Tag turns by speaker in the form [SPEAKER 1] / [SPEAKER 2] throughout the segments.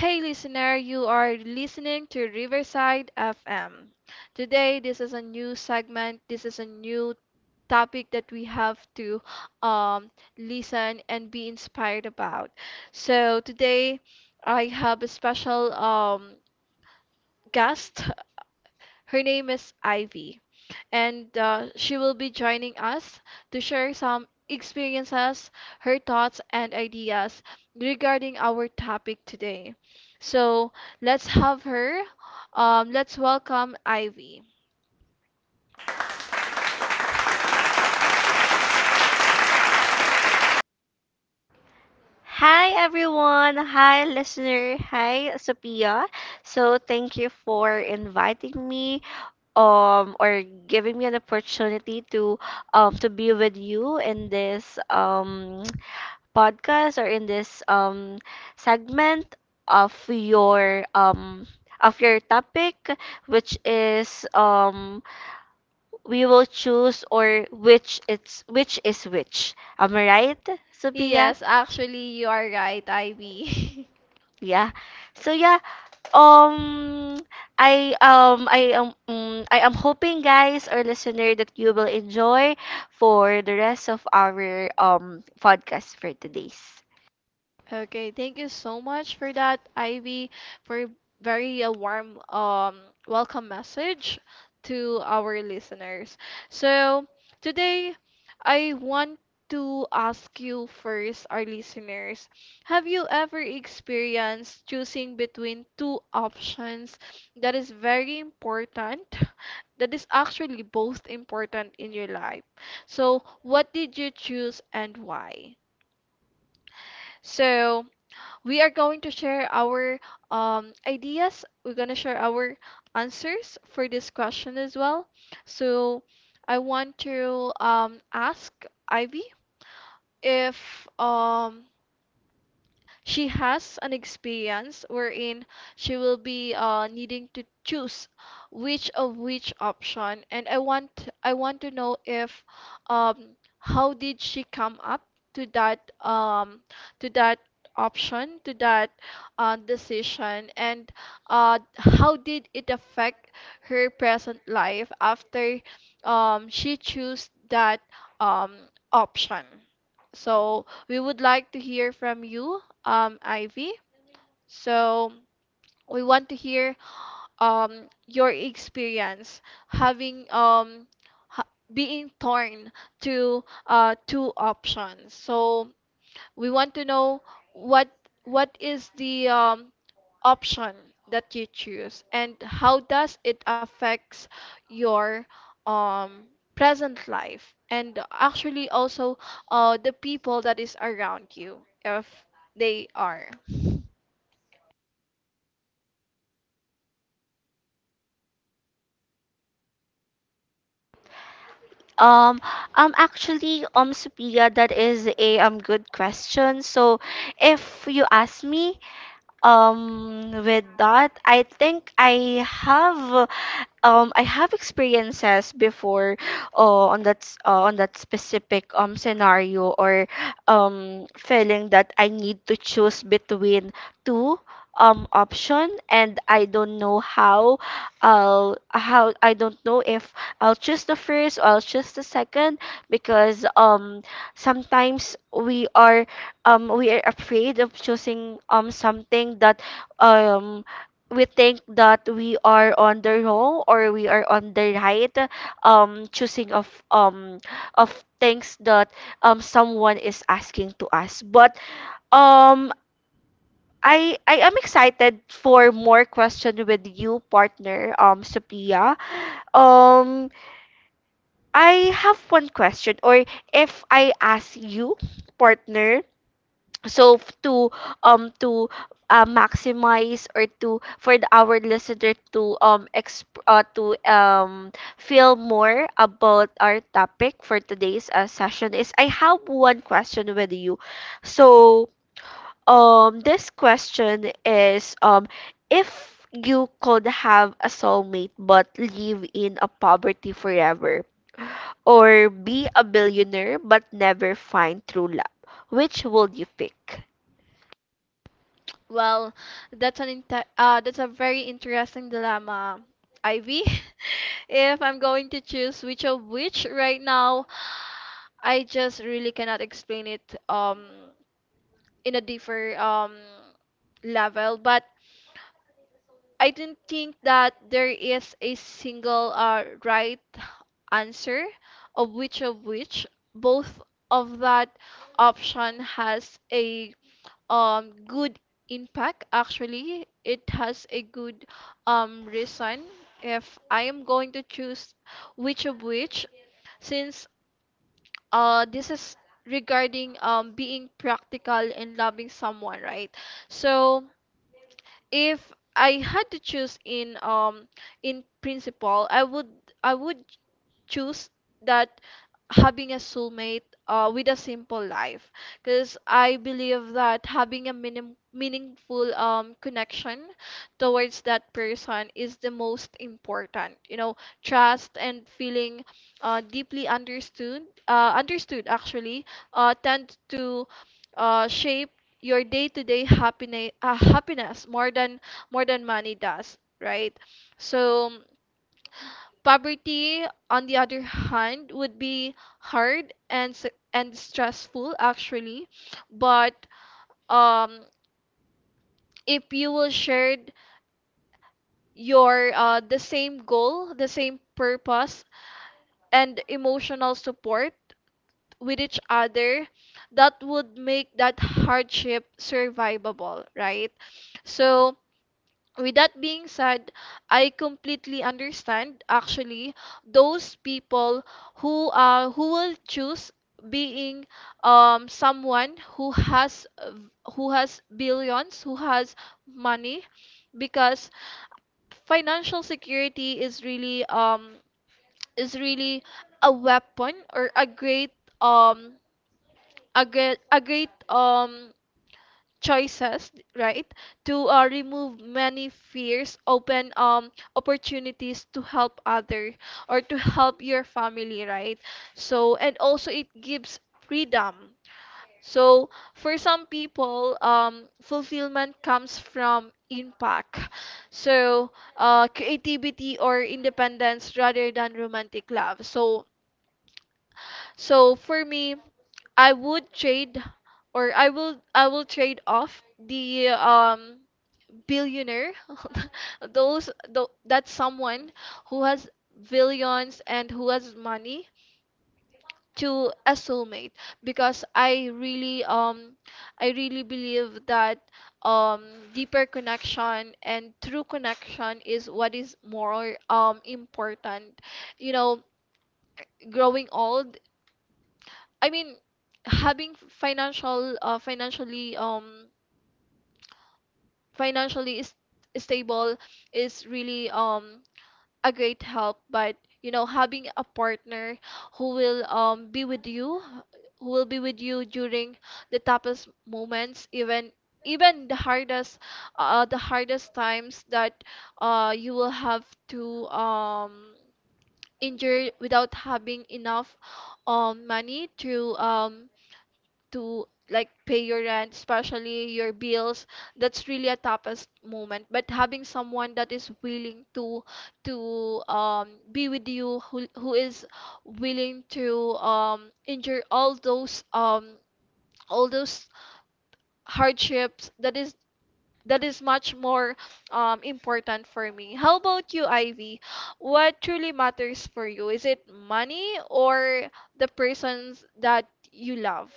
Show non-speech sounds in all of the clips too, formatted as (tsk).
[SPEAKER 1] Hey, listener, you are listening to Riverside FM. Today, this is a new segment. This is a new topic that we have to um, listen and be inspired about. So, today, I have a special guest. Her name is Ivy, and she will be joining us to share some experiences, her thoughts, and ideas regarding our topic today. So let's have her. Let's welcome Ivy.
[SPEAKER 2] Hi everyone, hi listener, hi Sophia. So thank you for inviting me or giving me an opportunity to be with you in this (tsk) podcast or in this segment of your um of your topic which is we will choose or which it's which is which. Am I right, Sophia?
[SPEAKER 1] Yes, actually, you are right, Ivy. (laughs)
[SPEAKER 2] Yeah. So yeah, Um, I am I am hoping guys or listener that you will enjoy for the rest of our podcast for today's.
[SPEAKER 1] Okay, thank you so much for that, Ivy, for very a warm welcome message to our listeners. So today I want to ask you first, our listeners, have you ever experienced choosing between two options that is very important, (laughs) that is actually both important in your life? So what did you choose and why? So we are going to share our ideas. We're going to share our answers for this question as well. So I want to ask Ivy if she has an experience wherein she will be needing to choose which of which option. And I want to know if um how did she come up to that option, to that decision, and how did it affect her present life after she chose that um, option. So we would like to hear from you, Ivy. So we want to hear, your experience having being torn to two options. So we want to know what what is the option that you choose and how does it affects your um present life, and actually also the people that is around you if they are.
[SPEAKER 2] Um, Sophia, that is a good question. So, if you ask me, with that, I have experiences before on that specific scenario or feeling that I need to choose between two option, and I don't know how I don't know if I'll choose the first or I'll choose the second because sometimes we are afraid of choosing something that um we think that we are on the wrong or we are on the right choosing of things that someone is asking to us but um I am excited for more question with you partner Sophia. um I have one question or if I ask you partner so to maximize or to for the, our listener to to feel more about our topic for today's session is I have one question with you. So this question is if you could have a soulmate but live in a poverty forever or be a billionaire but never find true love, which would you pick?
[SPEAKER 1] Well, that's a very interesting dilemma, Ivy. (laughs) If I'm going to choose which of which right now, I just really cannot explain it in a different level. But I don't think that there is a single right answer of which of which. Both of that option has a good impact. Actually, it has a good reason if I am going to choose which of which, since this is regarding being practical and loving someone, right? So if I had to choose in principle, I would choose that having a soulmate with a simple life, because I believe that having a meaningful connection towards that person is the most important, trust and feeling deeply understood, actually, tend to shape your day-to-day happiness more than money does, right? So poverty, on the other hand, would be hard and stressful, actually. But um if you will share your, the same goal, the same purpose, and emotional support with each other, that would make that hardship survivable, right? So, with that being said, I completely understand, actually, those people who will choose being someone who has billions, who has money, because financial security is really a weapon or a great um a great a great um choices, right, to remove many fears, open opportunities to help other or to help your family, right? So, and also it gives freedom. So for some people, fulfillment comes from impact, so creativity or independence rather than romantic love. So for me, I would trade or I will trade off the billionaire, (laughs) that's someone who has billions and who has money, to a soulmate, because I really believe that um deeper connection and true connection is what is more important, you know growing old, I mean, having financial, financially, financially is stable, is really a great help. But, you know, having a partner who will be with you, who will be with you during the toughest moments, even the hardest times that you will have to endure without having enough money to, pay your rent, especially your bills. That's really a toughest moment. But having someone that is willing to be with you, who is willing to endure all those hardships, that is much more important for me. How about you, Ivy? What truly matters for you? Is it money or the persons that you love?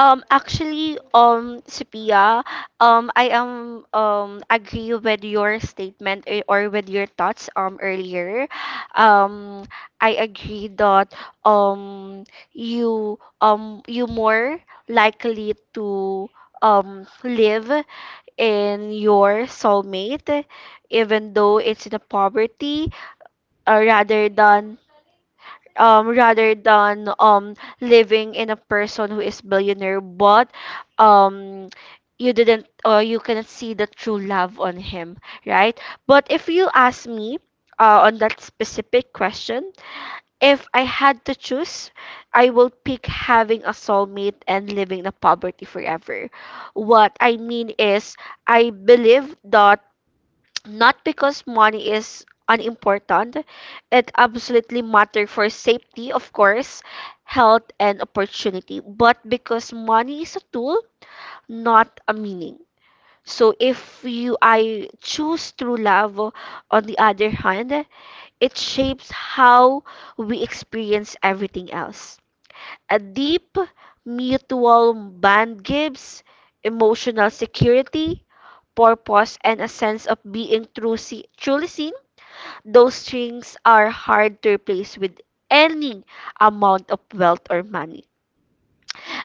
[SPEAKER 2] Sophia, I am agree with your statement eh, or with your thoughts earlier. Um, I agree that um you more likely to live in your soulmate, even though it's in a poverty, uh, rather than rather than living in a person who is billionaire but um you didn't or you cannot see the true love on him, right? But if you ask me on that specific question, if I had to choose, I will pick having a soulmate and living in poverty forever. What I mean is I believe that not because money is unimportant, it absolutely matters for safety, of course, health, and opportunity, but because money is a tool, not a meaning. So if you I choose true love on the other hand, it shapes how we experience everything else. A deep mutual bond gives emotional security, purpose, and a sense of being true, see, truly seen. Those strings are hard to replace with any amount of wealth or money.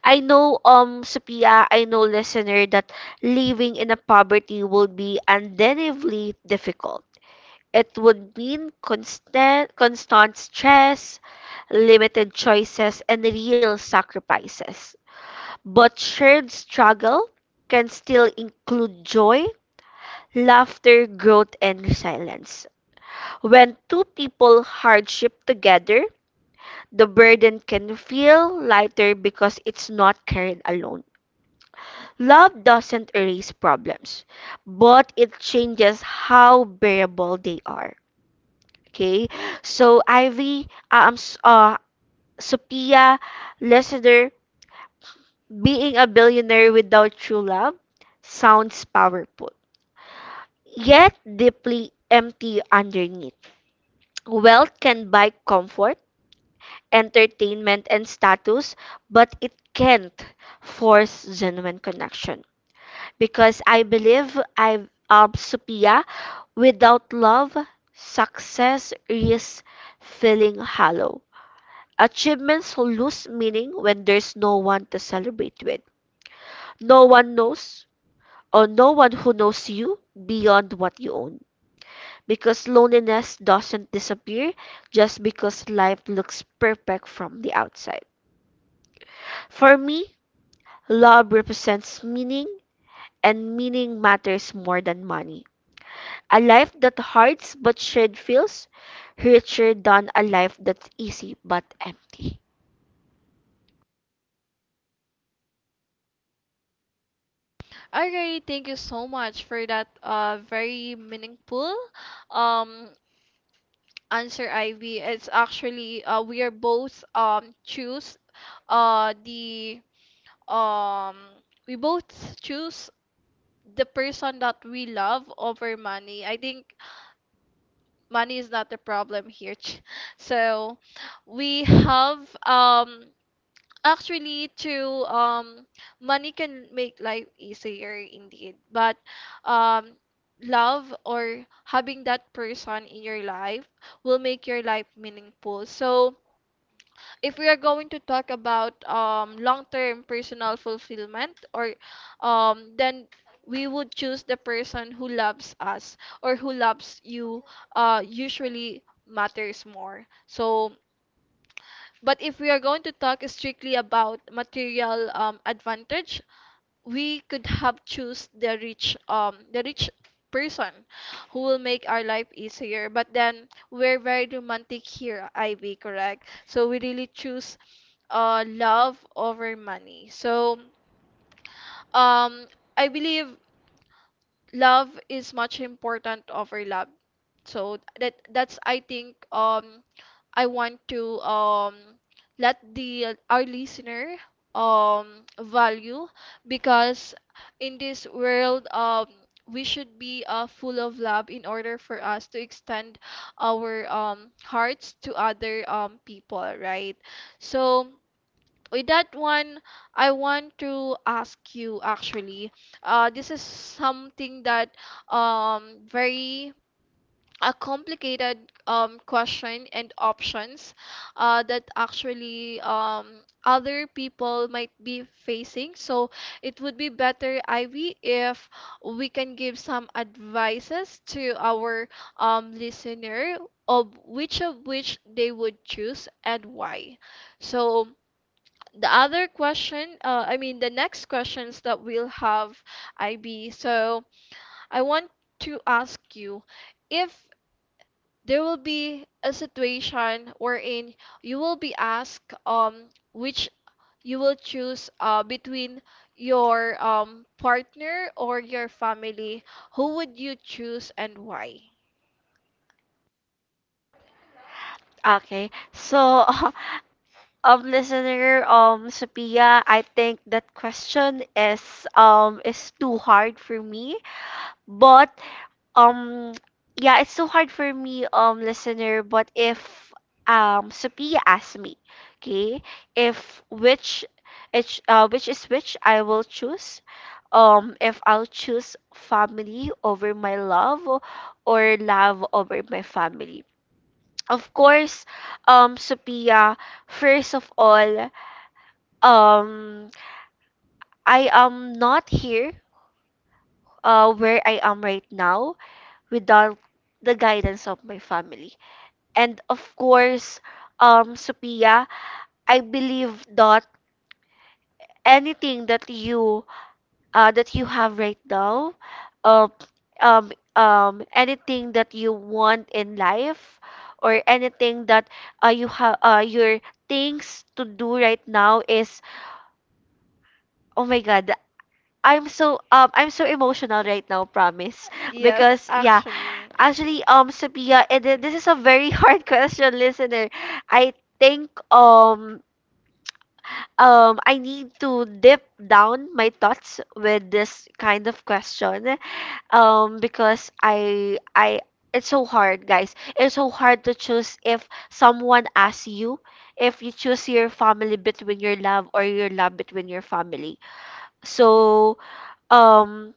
[SPEAKER 2] I know, Sophia, I know, listener, that living in a poverty would be undeniably difficult. It would mean constant stress, limited choices, and real sacrifices. But shared struggle can still include joy, laughter, growth, and resilience. When two people hardship together, the burden can feel lighter because it's not carried alone. Love doesn't erase problems, but it changes how bearable they are. Okay, so Ivy, Sophia, listener, being a billionaire without true love sounds powerful, yet deeply empty underneath. Wealth can buy comfort, entertainment, and status, but it can't force genuine connection. Because I believe I have Sophia, without love, success is feeling hollow. Achievements lose meaning when there's no one to celebrate with. No one knows or no one who knows you beyond what you own. Because loneliness doesn't disappear just because life looks perfect from the outside. For me, love represents meaning, and meaning matters more than money. A life that hurts but shared feels richer than a life that's easy but empty.
[SPEAKER 1] Alright, thank you so much for that very meaningful um answer, Ivy. It's actually uh the um we both choose the person that we love over money. I think money is not the problem here. (laughs) So we have Actually, true. Money can make life easier indeed, but um, love or having that person in your life will make your life meaningful. So, if we are going to talk about long-term personal fulfillment, or then we would choose the person who loves us or who loves you. Usually matters more. So. But if we are going to talk strictly about material advantage, we could have choose the rich person who will make our life easier. But then we're very romantic here, Ivy, correct? So we really choose love over money. So, um, I believe love is much important over love, so that that's I think I want to let the our listener value, because in this world, we should be full of love in order for us to extend our hearts to other people, right? So, with that one, I want to ask you, actually. This is something that very a complicated question and options that actually other people might be facing. So it would be better, Ivy, if we can give some advices to our listener of which they would choose and why. So, I mean, the next questions that we'll have, IB. So I want to ask you if there will be a situation wherein you will be asked which you will choose between your partner or your family, who would you choose and why?
[SPEAKER 2] Okay, so (laughs) listener, Sophia, I think that question is too hard for me, but Um, yeah, it's so hard for me, listener, but if Sophia asks me, okay, if which it's which is which I will choose. If I'll choose family over my love or love over my family. Of course, Sophia, first of all, um, I am not here, where I am right now without the guidance of my family. And of course, Sophia, I believe that anything that you have right now, um, anything that you want in life, or anything that you have your things to do right now is oh my god. I'm so emotional right now, promise.
[SPEAKER 1] Yes,
[SPEAKER 2] Because yeah,
[SPEAKER 1] actually.
[SPEAKER 2] actually Sophia, it, this is a very (laughs) hard question, listener. I think I need to dip down my thoughts with this kind of question. Because I it's so hard, guys. It's so hard to choose if someone asks you if you choose your family between your love or your love between your family. So, um,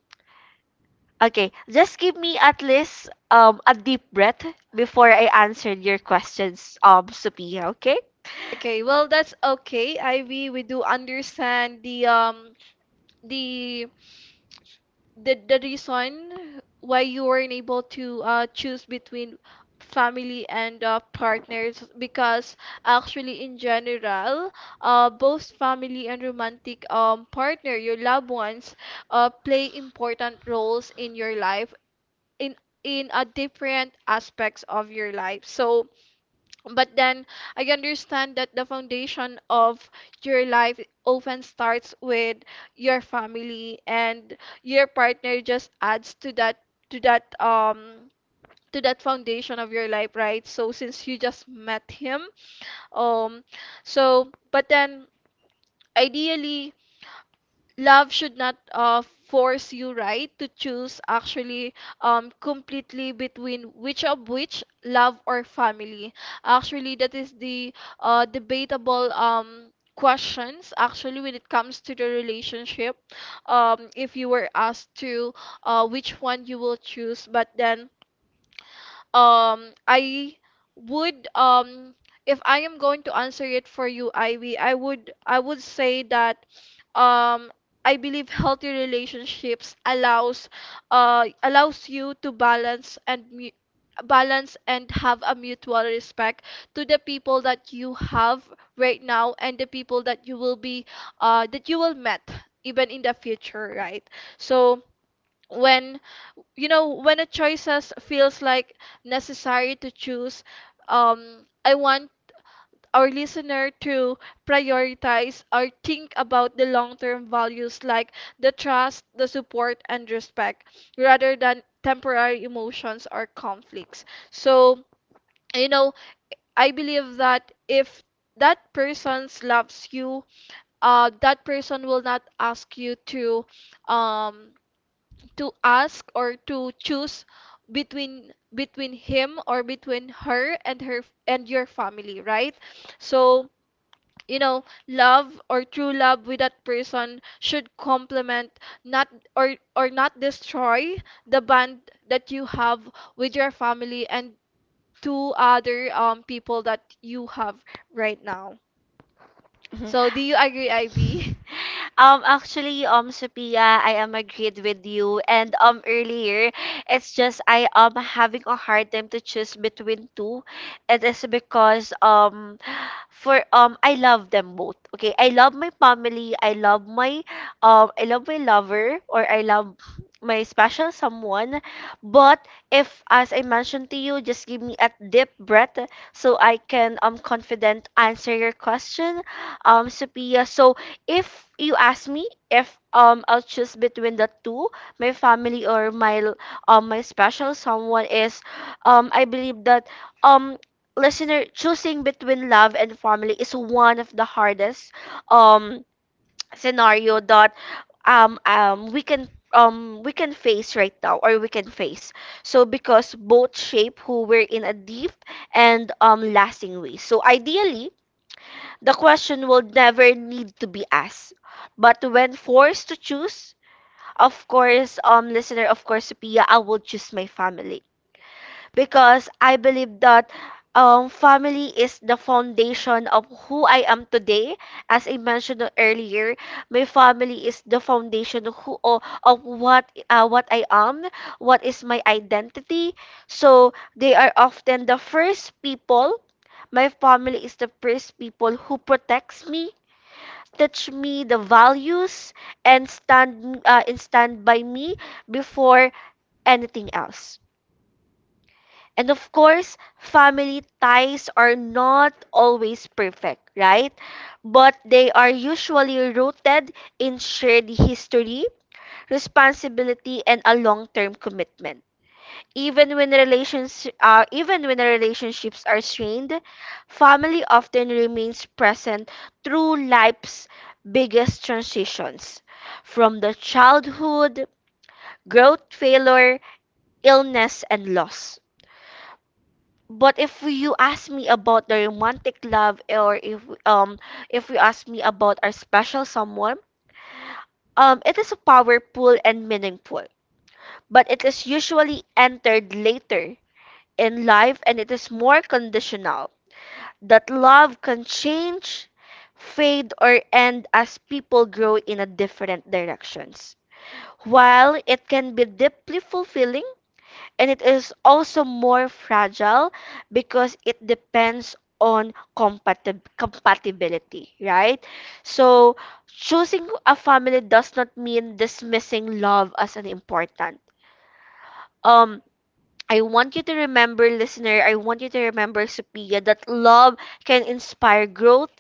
[SPEAKER 2] okay, just give me at least a deep breath before I answer your questions, Sophia, okay?
[SPEAKER 1] Okay, well, that's okay, Ivy. We do understand the the reason why you weren't able to choose between family and partners, because actually, in general, both family and romantic partner, your loved ones, play important roles in your life, in in a different aspects of your life. So, but then I understand that the foundation of your life often starts with your family, and your partner just adds to that, to that um to that foundation of your life, right? So since you just met him, um so but then ideally love should not force you, right, to choose, actually, completely between which of which, love or family. Actually that is the debatable questions, actually, when it comes to the relationship. If you were asked to which one you will choose, but then I would if I am going to answer it for you, Ivy, I would say that um I believe healthy relationships allows allows you to balance and balance and have a mutual respect to the people that you have right now and the people that you will be that you will met even in the future, right? So when you know when a choices feels like necessary to choose, I want our listener to prioritize or think about the long-term values, like the trust, the support, and respect rather than temporary emotions or conflicts. So, you know, I believe that if that person loves you, that person will not ask you to, um to ask or to choose between him or between her, and your family, right? So, you know, love or true love with that person should complement, not or or not destroy the bond that you have with your family and two other people that you have right now. So, do you agree,
[SPEAKER 2] (laughs)
[SPEAKER 1] Ivy? (laughs)
[SPEAKER 2] Sophia, I am agreed with you. And earlier, it's just I am having a hard time to choose between two. It is because for I love them both. Okay, I love my family, I love my lover or I love my special someone. But if as I mentioned to you, just give me a deep breath so I can confident answer your question, Sophia. So if you ask me if I'll choose between the two, my family or my special someone is I believe that um listener, choosing between love and family is one of the hardest um scenario that um um we can we can face right now or we can face. So because both shape who we're in a deep and lasting way. So ideally, the question will never need to be asked. But when forced to choose, of course, listener, of course, Sophia, I will choose my family because I believe that family is the foundation of who I am today. As I mentioned earlier, my family is the foundation of who of what I am, what is my identity. So they are often the first people. My family is the first people who protects me, teach me the values, and stand by me before anything else. And of course, family ties are not always perfect, right? But they are usually rooted in shared history, responsibility, and a long-term commitment. Even when relationships are strained, family often remains present through life's biggest transitions, from the childhood, growth, failure, illness, and loss. But if you ask me about the romantic love, or if you ask me about our special someone, it is powerful and meaningful, but it is usually entered later in life and it is more conditional. That love can change, fade, or end as people grow in a different directions. While it can be deeply fulfilling, and it is also more fragile because it depends on compatibility, right? So choosing a family does not mean dismissing love as an important. Um, I want you to remember, listener, I want you to remember, Sophia, that love can inspire growth,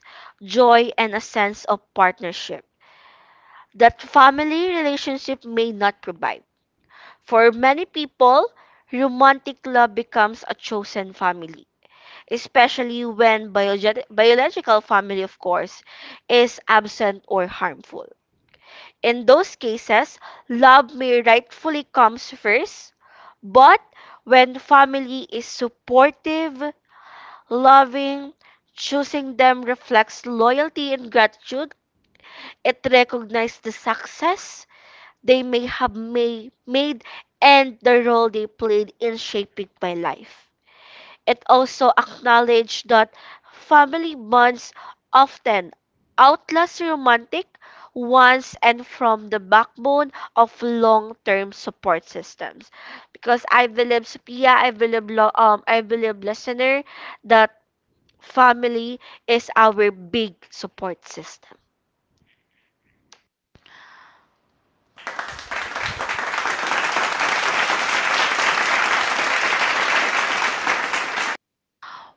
[SPEAKER 2] joy, and a sense of partnership that family relationship may not provide. For many people, romantic love becomes a chosen family, especially when biological family, of course, is absent or harmful. In those cases, love may rightfully comes first, but when family is supportive, loving, choosing them reflects loyalty and gratitude. It recognizes the success they may have may, made and the role they played in shaping my life. It also acknowledged that family bonds often outlast romantic ones and form the backbone of long-term support systems. Because I believe, Sophia, I believe, I believe, listener, that family is our big support system.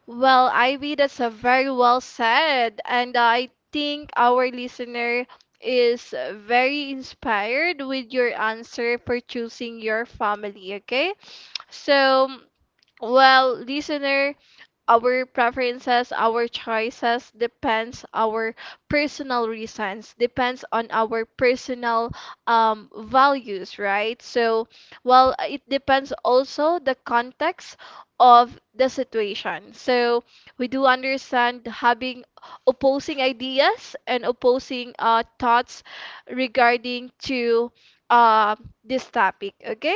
[SPEAKER 1] Well, Ivy, that's a very well said. And I think our listener is very inspired with your answer for choosing your family, okay? So, well, listener, our preferences, our choices depends our personal reasons, depends on our personal values, right? So, well, it depends also the context of the situation. So, we do understand having opposing ideas and opposing thoughts regarding to uh, this topic, okay?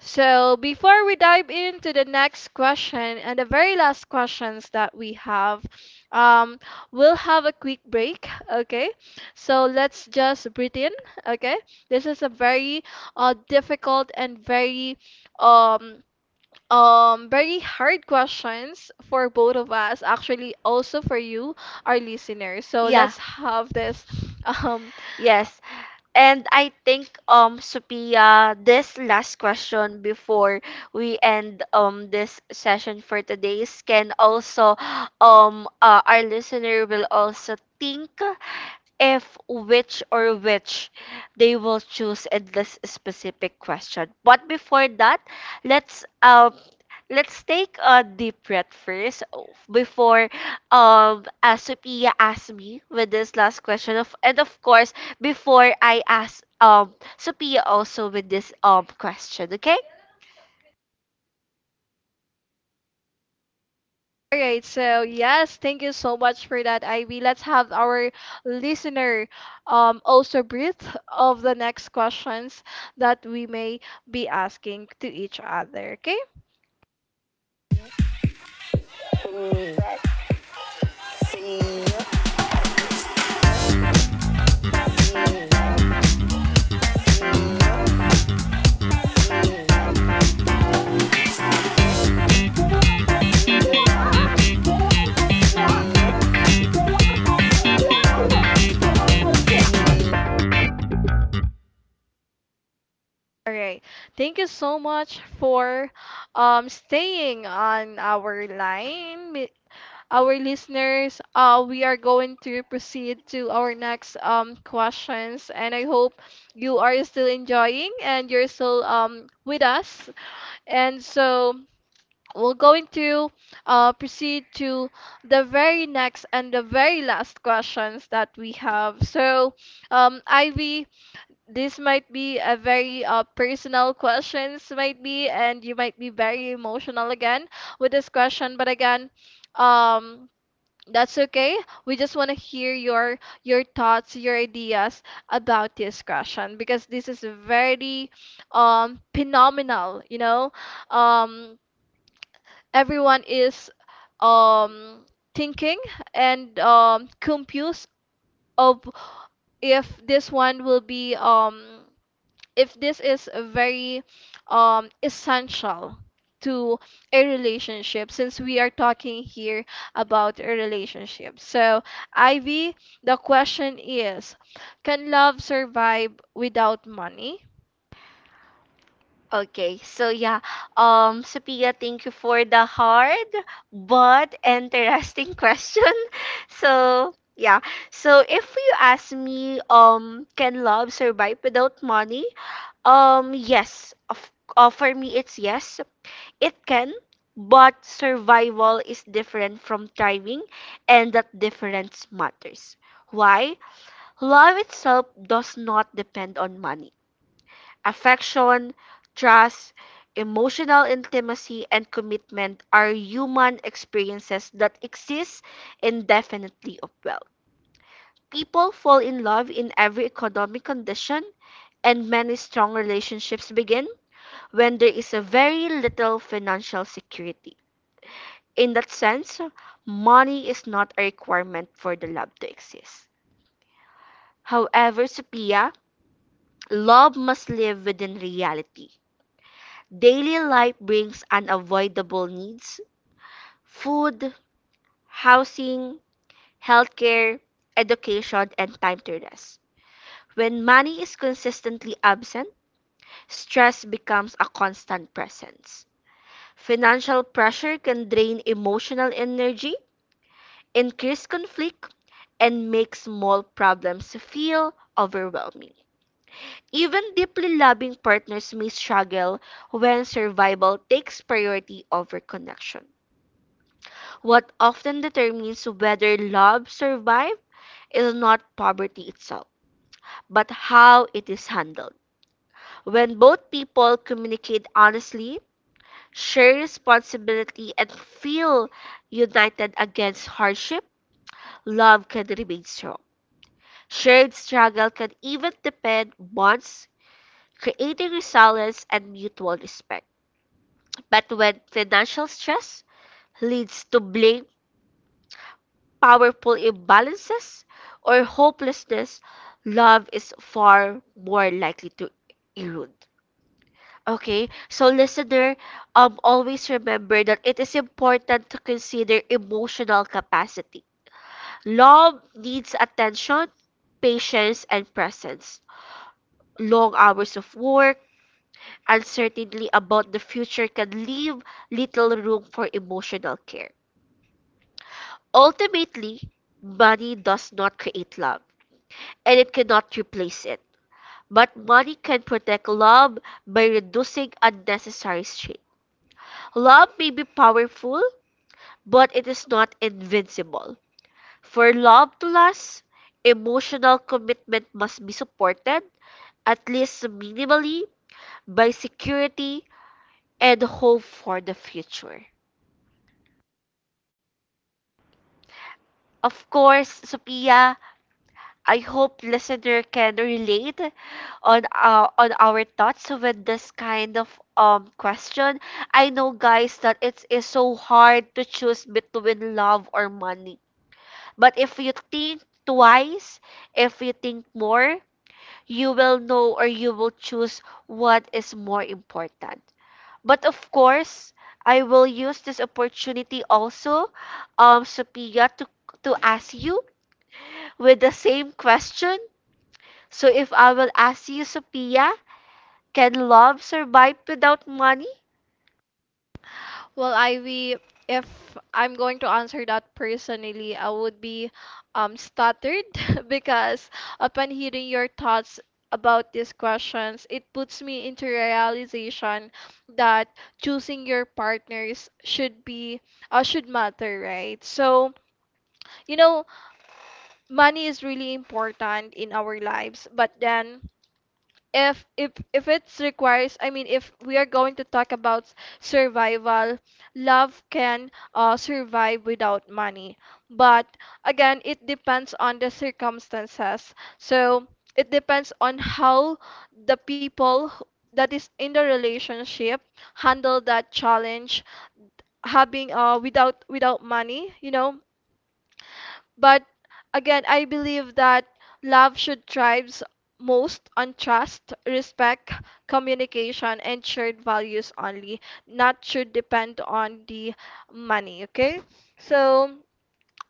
[SPEAKER 1] So, before we dive into the next question and the very last questions that we have, um, we'll have a quick break, okay? So, let's just breathe in, okay? This is a very difficult and um very hard questions for both of us, actually also for you, our listeners. So,
[SPEAKER 2] Yeah.
[SPEAKER 1] let's have this (laughs) um
[SPEAKER 2] Yes. And I think Sophia, this last question before we end this session for today's can also our listener will also think if which or which they will choose in this specific question. But before that, let's um let's take a deep breath first before Sophia asked me with this last question of, and of course, before I ask Sophia also with this question, okay?
[SPEAKER 1] All right, so yes, thank you so much for that, Ivy. Let's have our listener also breathe of the next questions that we may be asking to each other, okay? All right. Thank you so much for staying on our line. Our listeners, we are going to proceed to our next questions and I hope you are still enjoying and you're still with us. And so we're going to proceed to the very next and the very last questions that we have. So, Ivy, this might be a very personal questions, might be, and you might be very emotional again with this question. But again, um, that's okay. We just want to hear your thoughts, your ideas about this question because this is very phenomenal, you know. Um, Everyone is um, thinking and confused of if this one will be if this is very essential to a relationship since we are talking here about a relationship. So, Ivy, the question is, can love survive without money?
[SPEAKER 2] Okay, so yeah, Sophia, thank you for the hard but interesting (laughs) question. So yeah, so if you ask me, can love survive without money? Um, yes, of, for me it's yes, it can, but survival is different from thriving, and that difference matters. Why? Love itself does not depend on money. Affection, trust, emotional intimacy, and commitment are human experiences that exist indefinitely of wealth. People fall in love in every economic condition, and many strong relationships begin when there is a very little financial security. In that sense, money is not a requirement for the love to exist. However, Sophia, love must live within reality. Daily life brings unavoidable needs: food, housing, healthcare, education, and time to rest. When money is consistently absent, stress becomes a constant presence. Financial pressure can drain emotional energy, increase conflict, and make small problems feel overwhelming. Even deeply loving partners may struggle when survival takes priority over connection. What often determines whether love survives is not poverty itself, but how it is handled. When both people communicate honestly, share responsibility, and feel united against hardship, love can remain strong. Shared struggle can even depend bonds, creating resilience and mutual respect. But when financial stress leads to blame, powerful imbalances, or hopelessness, love is far more likely to erode. Okay, so listener, always remember that it is important to consider emotional capacity. Love needs attention, patience, and presence. Long hours of work, uncertainty about the future can leave little room for emotional care. Ultimately, money does not create love, and it cannot replace it. But money can protect love by reducing unnecessary strain. Love may be powerful, but it is not invincible. For love to last, emotional commitment must be supported, at least minimally, by security and hope for the future. Of course, Sophia, I hope listener can relate on our thoughts with this kind of question. I know guys that it is so hard to choose between love or money. But if you think twice, if you think more, you will know or you will choose what is more important. But of course, I will use this opportunity also, Sophia, to ask you with the same question. So if I will ask you, Sophia, can love survive without money?
[SPEAKER 1] Well, Ivy, if I'm going to answer that personally, I would be stuttered (laughs) because upon hearing your thoughts about these questions, it puts me into realization that choosing your partners should matter, right? So, you know, money is really important in our lives, but then if it requires, I mean, if we are going to talk about survival, love can survive without money, but again it depends on the circumstances. So it depends on how the people that is in the relationship handle that challenge, having without money, you know. But again, I believe that love should thrive most on trust, respect, communication, and shared values only. Not should depend on the money. Okay, so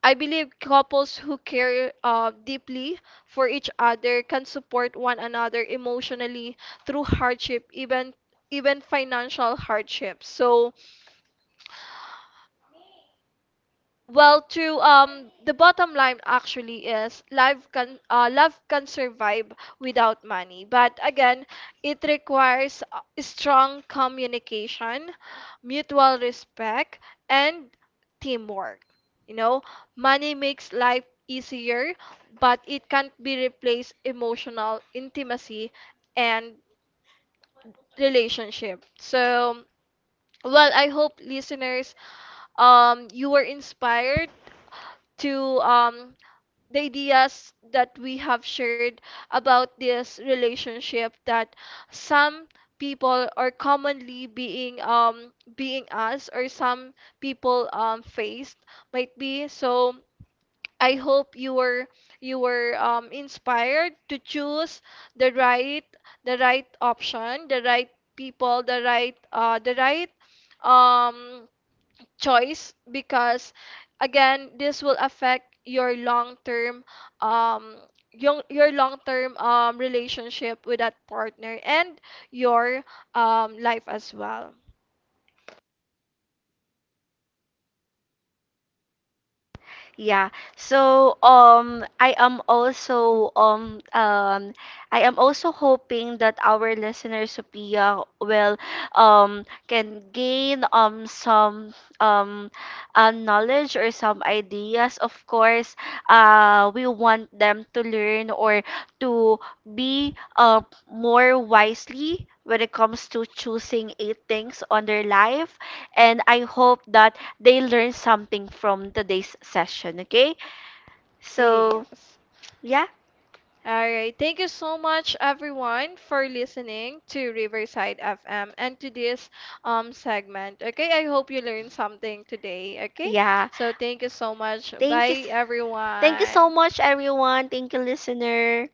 [SPEAKER 1] I believe couples who care deeply for each other can support one another emotionally through hardship, even financial hardship. So, well, true. The bottom line, actually, is love can survive without money. But again, it requires strong communication, mutual respect, and teamwork. You know, money makes life easier, but it can't be replaced emotional intimacy and relationship. So, well, I hope, listeners, you were inspired to the ideas that we have shared about this relationship that some people are commonly being asked or some people faced, might be. So I hope you were inspired to choose the right, the right option, the right people, the right um choice, because again this will affect your long term, um your long term relationship with that partner and your life as well.
[SPEAKER 2] Yeah. So I am also hoping that our listener Sophia will can gain some um knowledge or some ideas. Of course, we want them to learn or to be more wisely when it comes to choosing eight things on their life, and I hope that they learn something from today's session, okay? So,
[SPEAKER 1] Yes.
[SPEAKER 2] yeah,
[SPEAKER 1] All right, thank you so much everyone for listening to Riverside FM and to this segment. Okay, I hope you learned something today. Okay,
[SPEAKER 2] yeah.
[SPEAKER 1] so thank you so much.
[SPEAKER 2] Thank you.
[SPEAKER 1] Bye,
[SPEAKER 2] Thank you
[SPEAKER 1] everyone.
[SPEAKER 2] so much, everyone. Thank you, listener.